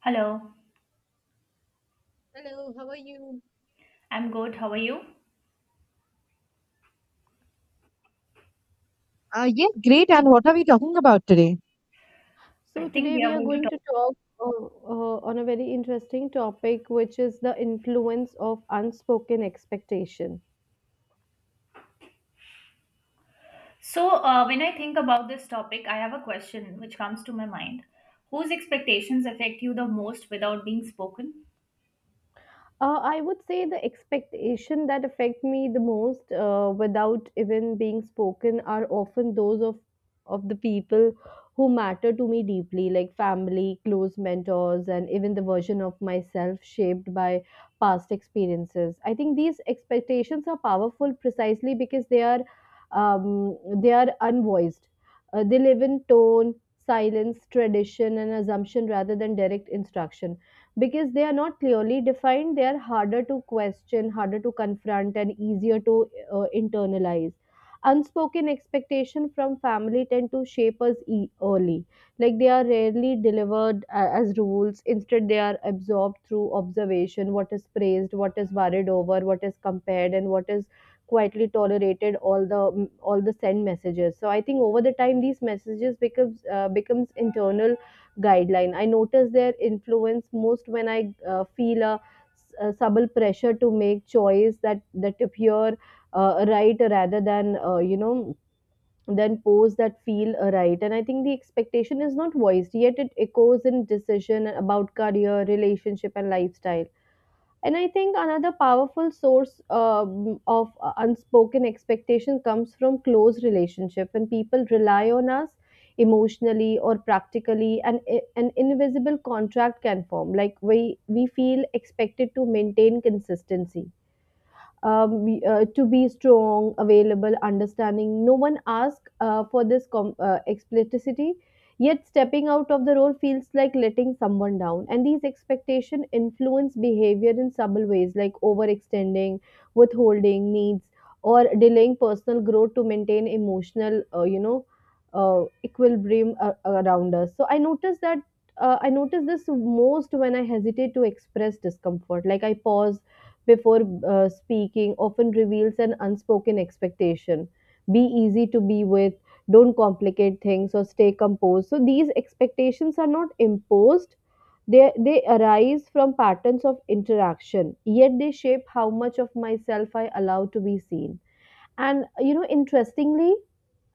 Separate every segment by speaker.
Speaker 1: Hello,
Speaker 2: Hello, how are you?
Speaker 1: I'm good. How are you?
Speaker 2: Yeah, great. And what are we talking about today?
Speaker 1: I
Speaker 3: So,
Speaker 1: think
Speaker 3: today
Speaker 1: we are
Speaker 3: we are
Speaker 1: going to
Speaker 3: going
Speaker 1: talk.
Speaker 3: to talk on a very interesting topic, which is the influence of unspoken expectation.
Speaker 1: So, when I think about this topic, I have a question which comes to my mind. Whose expectations affect you the most without being spoken?
Speaker 3: I would say the expectation that affect me the most, without even being spoken, are often those of the people who matter to me deeply, like family, close mentors, and even the version of myself shaped by past experiences. I think these expectations are powerful precisely because they are unvoiced. They live in tone, silence, tradition, and assumption rather than direct instruction. Because they are not clearly defined, they are harder to question, harder to confront, and easier to internalize. Unspoken expectation from family tend to shape us early. Like, they are rarely delivered as rules. Instead, they are absorbed through observation: what is praised, what is worried over, what is compared, and what is quietly tolerated. All the send messages. So I think over the time these messages becomes becomes internal guideline. I notice their influence most when I feel a subtle pressure to make choice that appear right rather than than pose that feel right. And I think the expectation is not voiced yet; it echoes in decision about career, relationship, and lifestyle. And I think another powerful source of unspoken expectation comes from close relationship. When people rely on us emotionally or practically and an invisible contract can form, like we feel expected to maintain consistency, to be strong, available, understanding. No one asks for this explicitity. Yet stepping out of the role feels like letting someone down, and these expectations influence behavior in subtle ways, like overextending, withholding needs, or delaying personal growth to maintain emotional, equilibrium around us. So I notice this most when I hesitate to express discomfort. Like, I pause before speaking often reveals an unspoken expectation. Be easy to be with, don't complicate things, or stay composed. So, these expectations are not imposed. They arise from patterns of interaction, yet they shape how much of myself I allow to be seen. And you know, interestingly,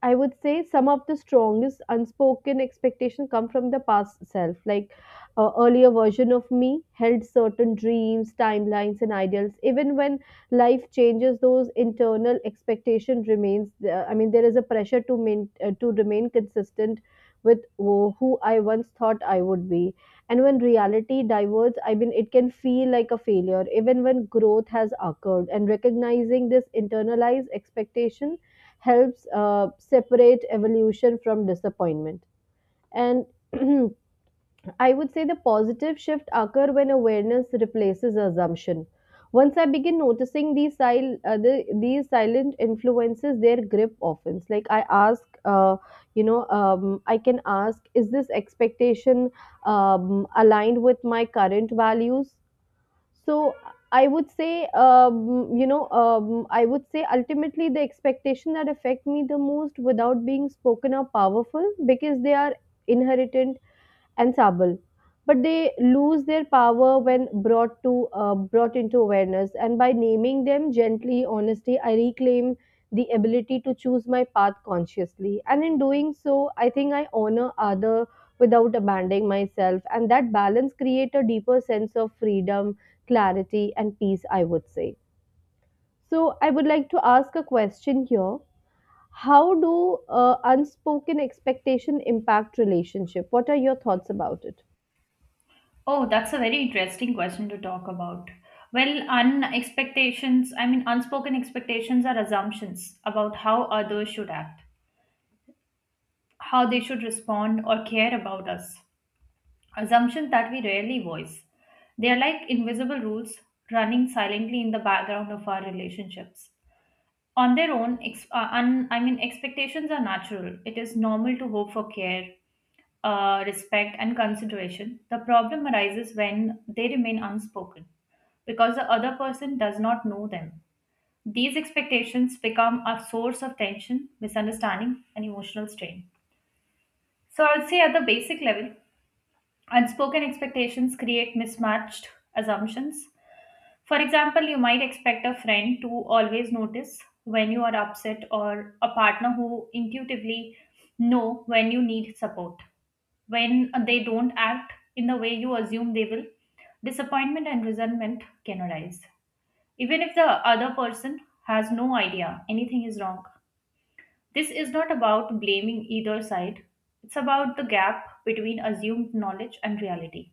Speaker 3: I would say some of the strongest unspoken expectation come from the past self. Like, earlier version of me held certain dreams, timelines, and ideals. Even when life changes, those internal expectation remains there. I mean, there is a pressure to remain consistent with who I once thought I would be. And when reality diverges, I mean, it can feel like a failure even when growth has occurred. And recognizing this internalized expectation helps separate evolution from disappointment. And I would say the positive shift occur when awareness replaces assumption. Once I begin noticing these these silent influences, their grip often. Like, I ask, I can ask, is this expectation aligned with my current values? So I would say, I would say ultimately the expectation that affect me the most without being spoken are powerful because they are inherent and ensemble, but they lose their power when brought to brought into awareness. And by naming them gently, honestly, I reclaim the ability to choose my path consciously, and in doing so, I think I honor other without abandoning myself. And that balance create a deeper sense of freedom, clarity, and peace, I would say. So I would like to ask a question here. How do unspoken expectation impact relationship? What are your thoughts about it?
Speaker 1: Oh, that's a very interesting question to talk about. Well, unspoken expectations are assumptions about how others should act, how they should respond or care about us. Assumptions that we rarely voice. They are like invisible rules running silently in the background of our relationships. On their own, I mean, expectations are natural. It is normal to hope for care, respect and consideration. The problem arises when they remain unspoken, because the other person does not know them. These expectations become a source of tension, misunderstanding and emotional strain. So I would say at the basic level, unspoken expectations create mismatched assumptions. For example, you might expect a friend to always notice when you are upset, or a partner who intuitively know when you need support. When they don't act in the way you assume they will, disappointment and resentment can arise, even if the other person has no idea anything is wrong. This is not about blaming either side. It's about the gap between assumed knowledge and reality.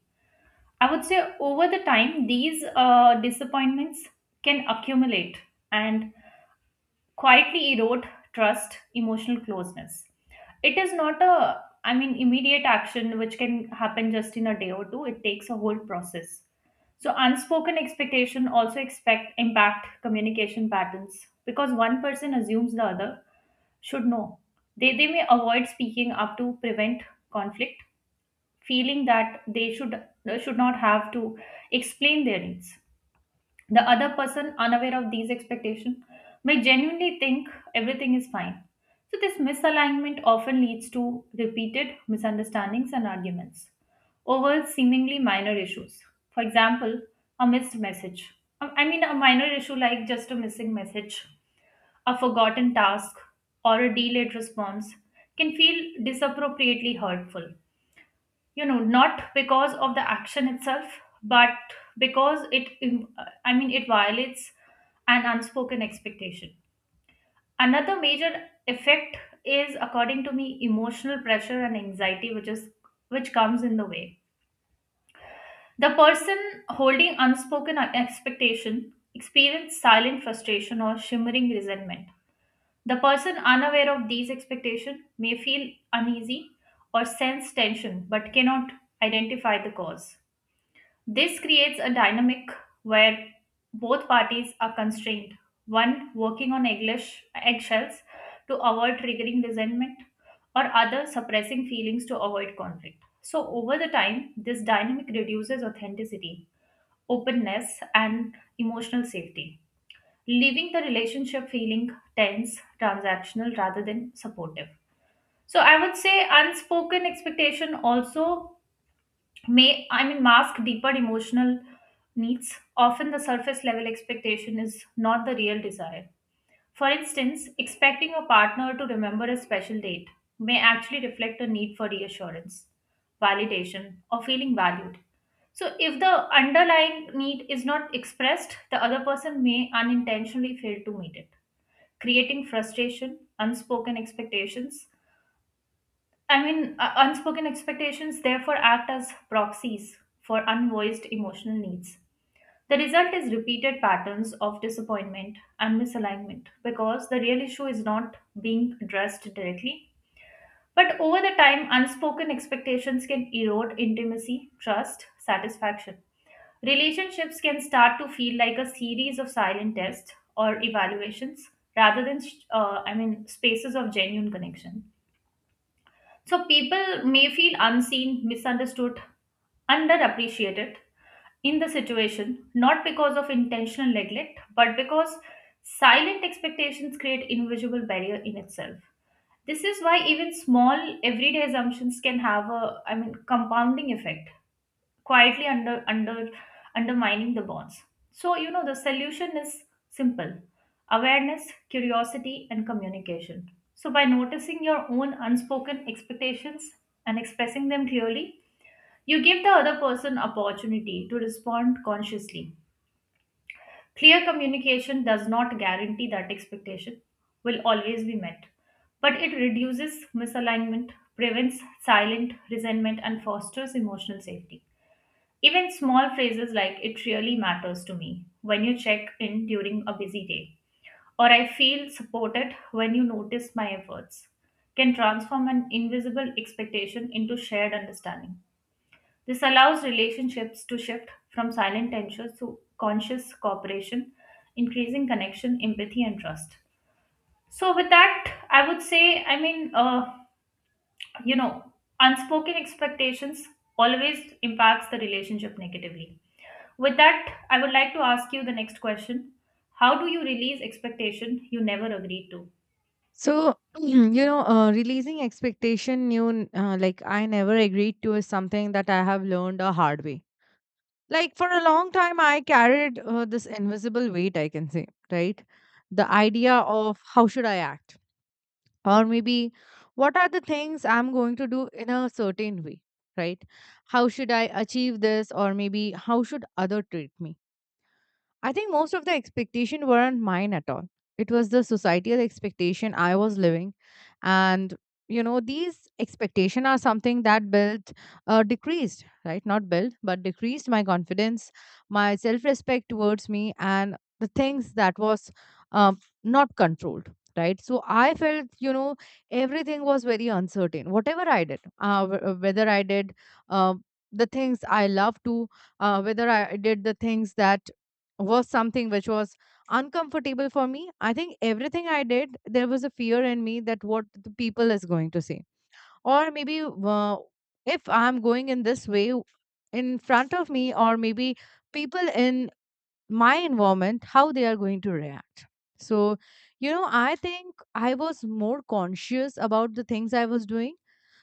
Speaker 1: I would say over the time, these disappointments can accumulate and quietly erode trust, emotional closeness. It is not a, I mean, immediate action which can happen just in a day or two. It takes a whole process. So unspoken expectation also expect impact communication patterns, because one person assumes the other should know. They may avoid speaking up to prevent conflict, feeling that they should not have to explain their needs. The other person, unaware of these expectations, may genuinely think everything is fine. So this misalignment often leads to repeated misunderstandings and arguments over seemingly minor issues. For example, a missed message. I mean, a minor issue like just a missing message, a forgotten task, or a delayed response can feel disappropriately hurtful, you know, not because of the action itself, but because I mean it violates an unspoken expectation. Another major effect is, according to me, emotional pressure and anxiety, which is which comes in the way. The person holding unspoken expectation experience silent frustration or shimmering resentment. The person unaware of these expectations may feel uneasy or sense tension, but cannot identify the cause. This creates a dynamic where both parties are constrained, one working on eggshells to avoid triggering resentment, or other suppressing feelings to avoid conflict. So, over the time, this dynamic reduces authenticity, openness, and emotional safety, leaving the relationship feeling tense, transactional rather than supportive. So, I would say unspoken expectation also may, I mean, mask deeper emotional needs. Often the surface level expectation is not the real desire. For instance, expecting a partner to remember a special date may actually reflect a need for reassurance, validation or feeling valued. So if the underlying need is not expressed, the other person may unintentionally fail to meet it, creating frustration. Unspoken expectations, I mean, unspoken expectations therefore act as proxies for unvoiced emotional needs. The result is repeated patterns of disappointment and misalignment because the real issue is not being addressed directly. But over the time, unspoken expectations can erode intimacy, trust, satisfaction. Relationships can start to feel like a series of silent tests or evaluations rather than, I mean, spaces of genuine connection. So people may feel unseen, misunderstood, underappreciated in the situation, not because of intentional neglect, but because silent expectations create invisible barrier in itself. This is why even small everyday assumptions can have a, I mean, compounding effect, quietly undermining the bonds. So, you know, the solution is simple: awareness, curiosity, and communication. So, by noticing your own unspoken expectations and expressing them clearly, you give the other person opportunity to respond consciously. Clear communication does not guarantee that expectation will always be met, but it reduces misalignment, prevents silent resentment, and fosters emotional safety. Even small phrases like "it really matters to me when you check in during a busy day," or "I feel supported when you notice my efforts," can transform an invisible expectation into shared understanding. This allows relationships to shift from silent tensions to conscious cooperation, increasing connection, empathy, and trust. So, with that, I would say, I mean, you know unspoken expectations always impacts the relationship negatively. With that, I would like to ask you the next question. How do you release expectation you never agreed to?
Speaker 2: So, releasing expectation, like I never agreed to is something that I have learned a hard way. Like for a long time, I carried this invisible weight, I can say, right? The idea of how should I act, or maybe what are the things I'm going to do in a certain way, right? How should I achieve this, or maybe how should other treat me? I think most of the expectation weren't mine at all. It was the societal expectation I was living. And, you know, these expectation are something that built, decreased, right? Not built, but decreased my confidence, my self-respect towards me and the things that was um, not controlled. Right. So I felt, you know, everything was very uncertain. Whatever I did, whether I did uh, the things I love to, whether I did the things that was something which was uncomfortable for me. I think everything I did, there was a fear in me that what the people is going to say, or maybe if I'm going in this way in front of me, or maybe people in my environment, how they are going to react. So, you know, I think I was more conscious about the things I was doing,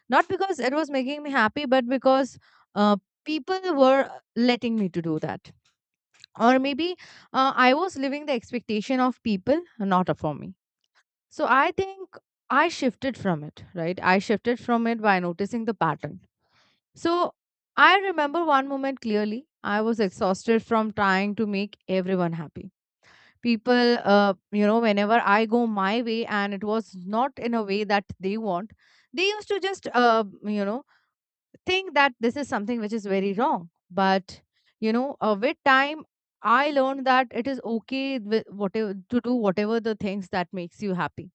Speaker 2: not because it was making me happy, but because uh, people were letting me to do that or maybe I was living the expectation of people, not for me. So I think I shifted from it, right? I shifted from it by noticing the pattern. So I remember one moment clearly. I was exhausted from trying to make everyone happy. People, whenever I go my way and it was not in a way that they want, they used to just, think that this is something which is very wrong. But you know, with time, I learned that it is okay with whatever, to do whatever the things that makes you happy,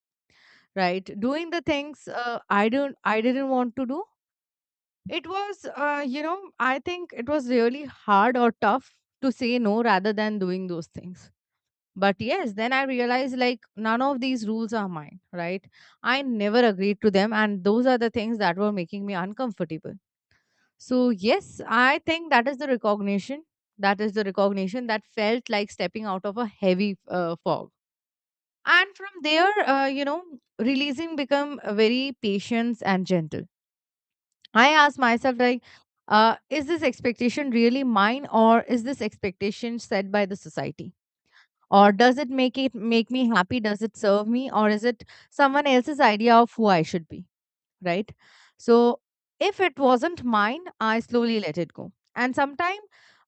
Speaker 2: right? Doing the things, I didn't want to do, it was, I think it was really hard or tough to say no rather than doing those things. But yes, then I realized like none of these rules are mine, right? I never agreed to them, and those are the things that were making me uncomfortable. So, yes, I think that is the recognition. That is the recognition that felt like stepping out of a heavy fog. And from there, you know, releasing become very patient and gentle. I asked myself, like, is this expectation really mine, or is this expectation set by the society? Or does it make me happy? Does it serve me, or is it someone else's idea of who I should be, right? So if it wasn't mine, I slowly let it go. And sometime,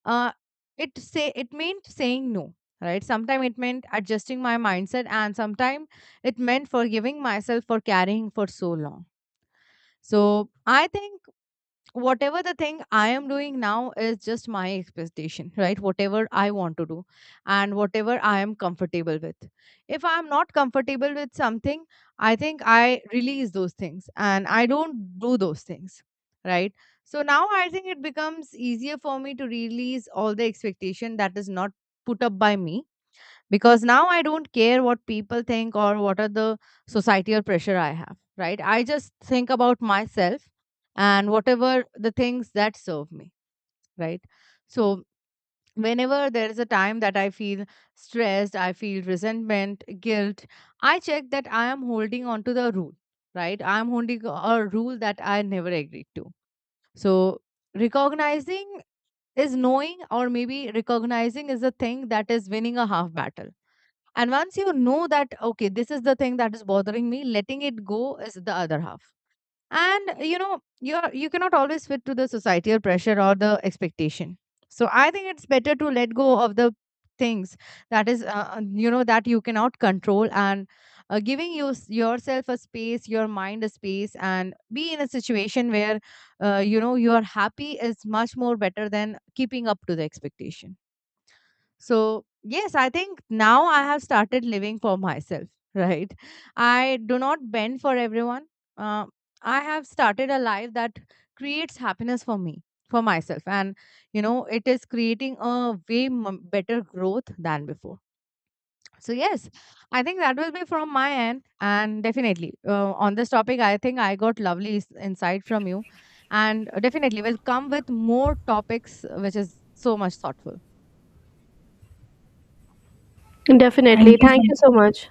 Speaker 2: uh, it meant saying no, right? Sometime it meant adjusting my mindset, and sometime it meant forgiving myself for carrying for so long. So I think whatever the thing I am doing now is just my expectation, right? Whatever I want to do and whatever I am comfortable with. If I'm not comfortable with something, I think I release those things and I don't do those things, right? So now I think it becomes easier for me to release all the expectation that is not put up by me, because now I don't care what people think or what are the societal pressure I have, right? I just think about myself and whatever the things that serve me, right? So whenever there is a time that I feel stressed, I feel resentment, guilt, I check that I am holding on to the rule, right? I am holding a rule that I never agreed to. So recognizing is knowing, or maybe recognizing is a thing that is winning a half battle. And once you know that, okay, this is the thing that is bothering me, letting it go is the other half. And you know, you cannot always fit to the societal pressure or the expectation. So I think it's better to let go of the things that is, that you cannot control, and giving you yourself a space, your mind a space, and be in a situation where, you know, you are happy is much more better than keeping up to the expectation. So, yes, I think now I have started living for myself, right? I do not bend for everyone. Uh, I have started a life that creates happiness for me, for myself. And, you know, it is creating a way better growth than before. So, yes, I think that will be from my end. And definitely, on this topic, I think I got lovely insight from you. And definitely will come with more topics, which is so much thoughtful.
Speaker 1: Thank
Speaker 3: Definitely.
Speaker 1: you so
Speaker 3: Thank you
Speaker 1: much.
Speaker 3: so much.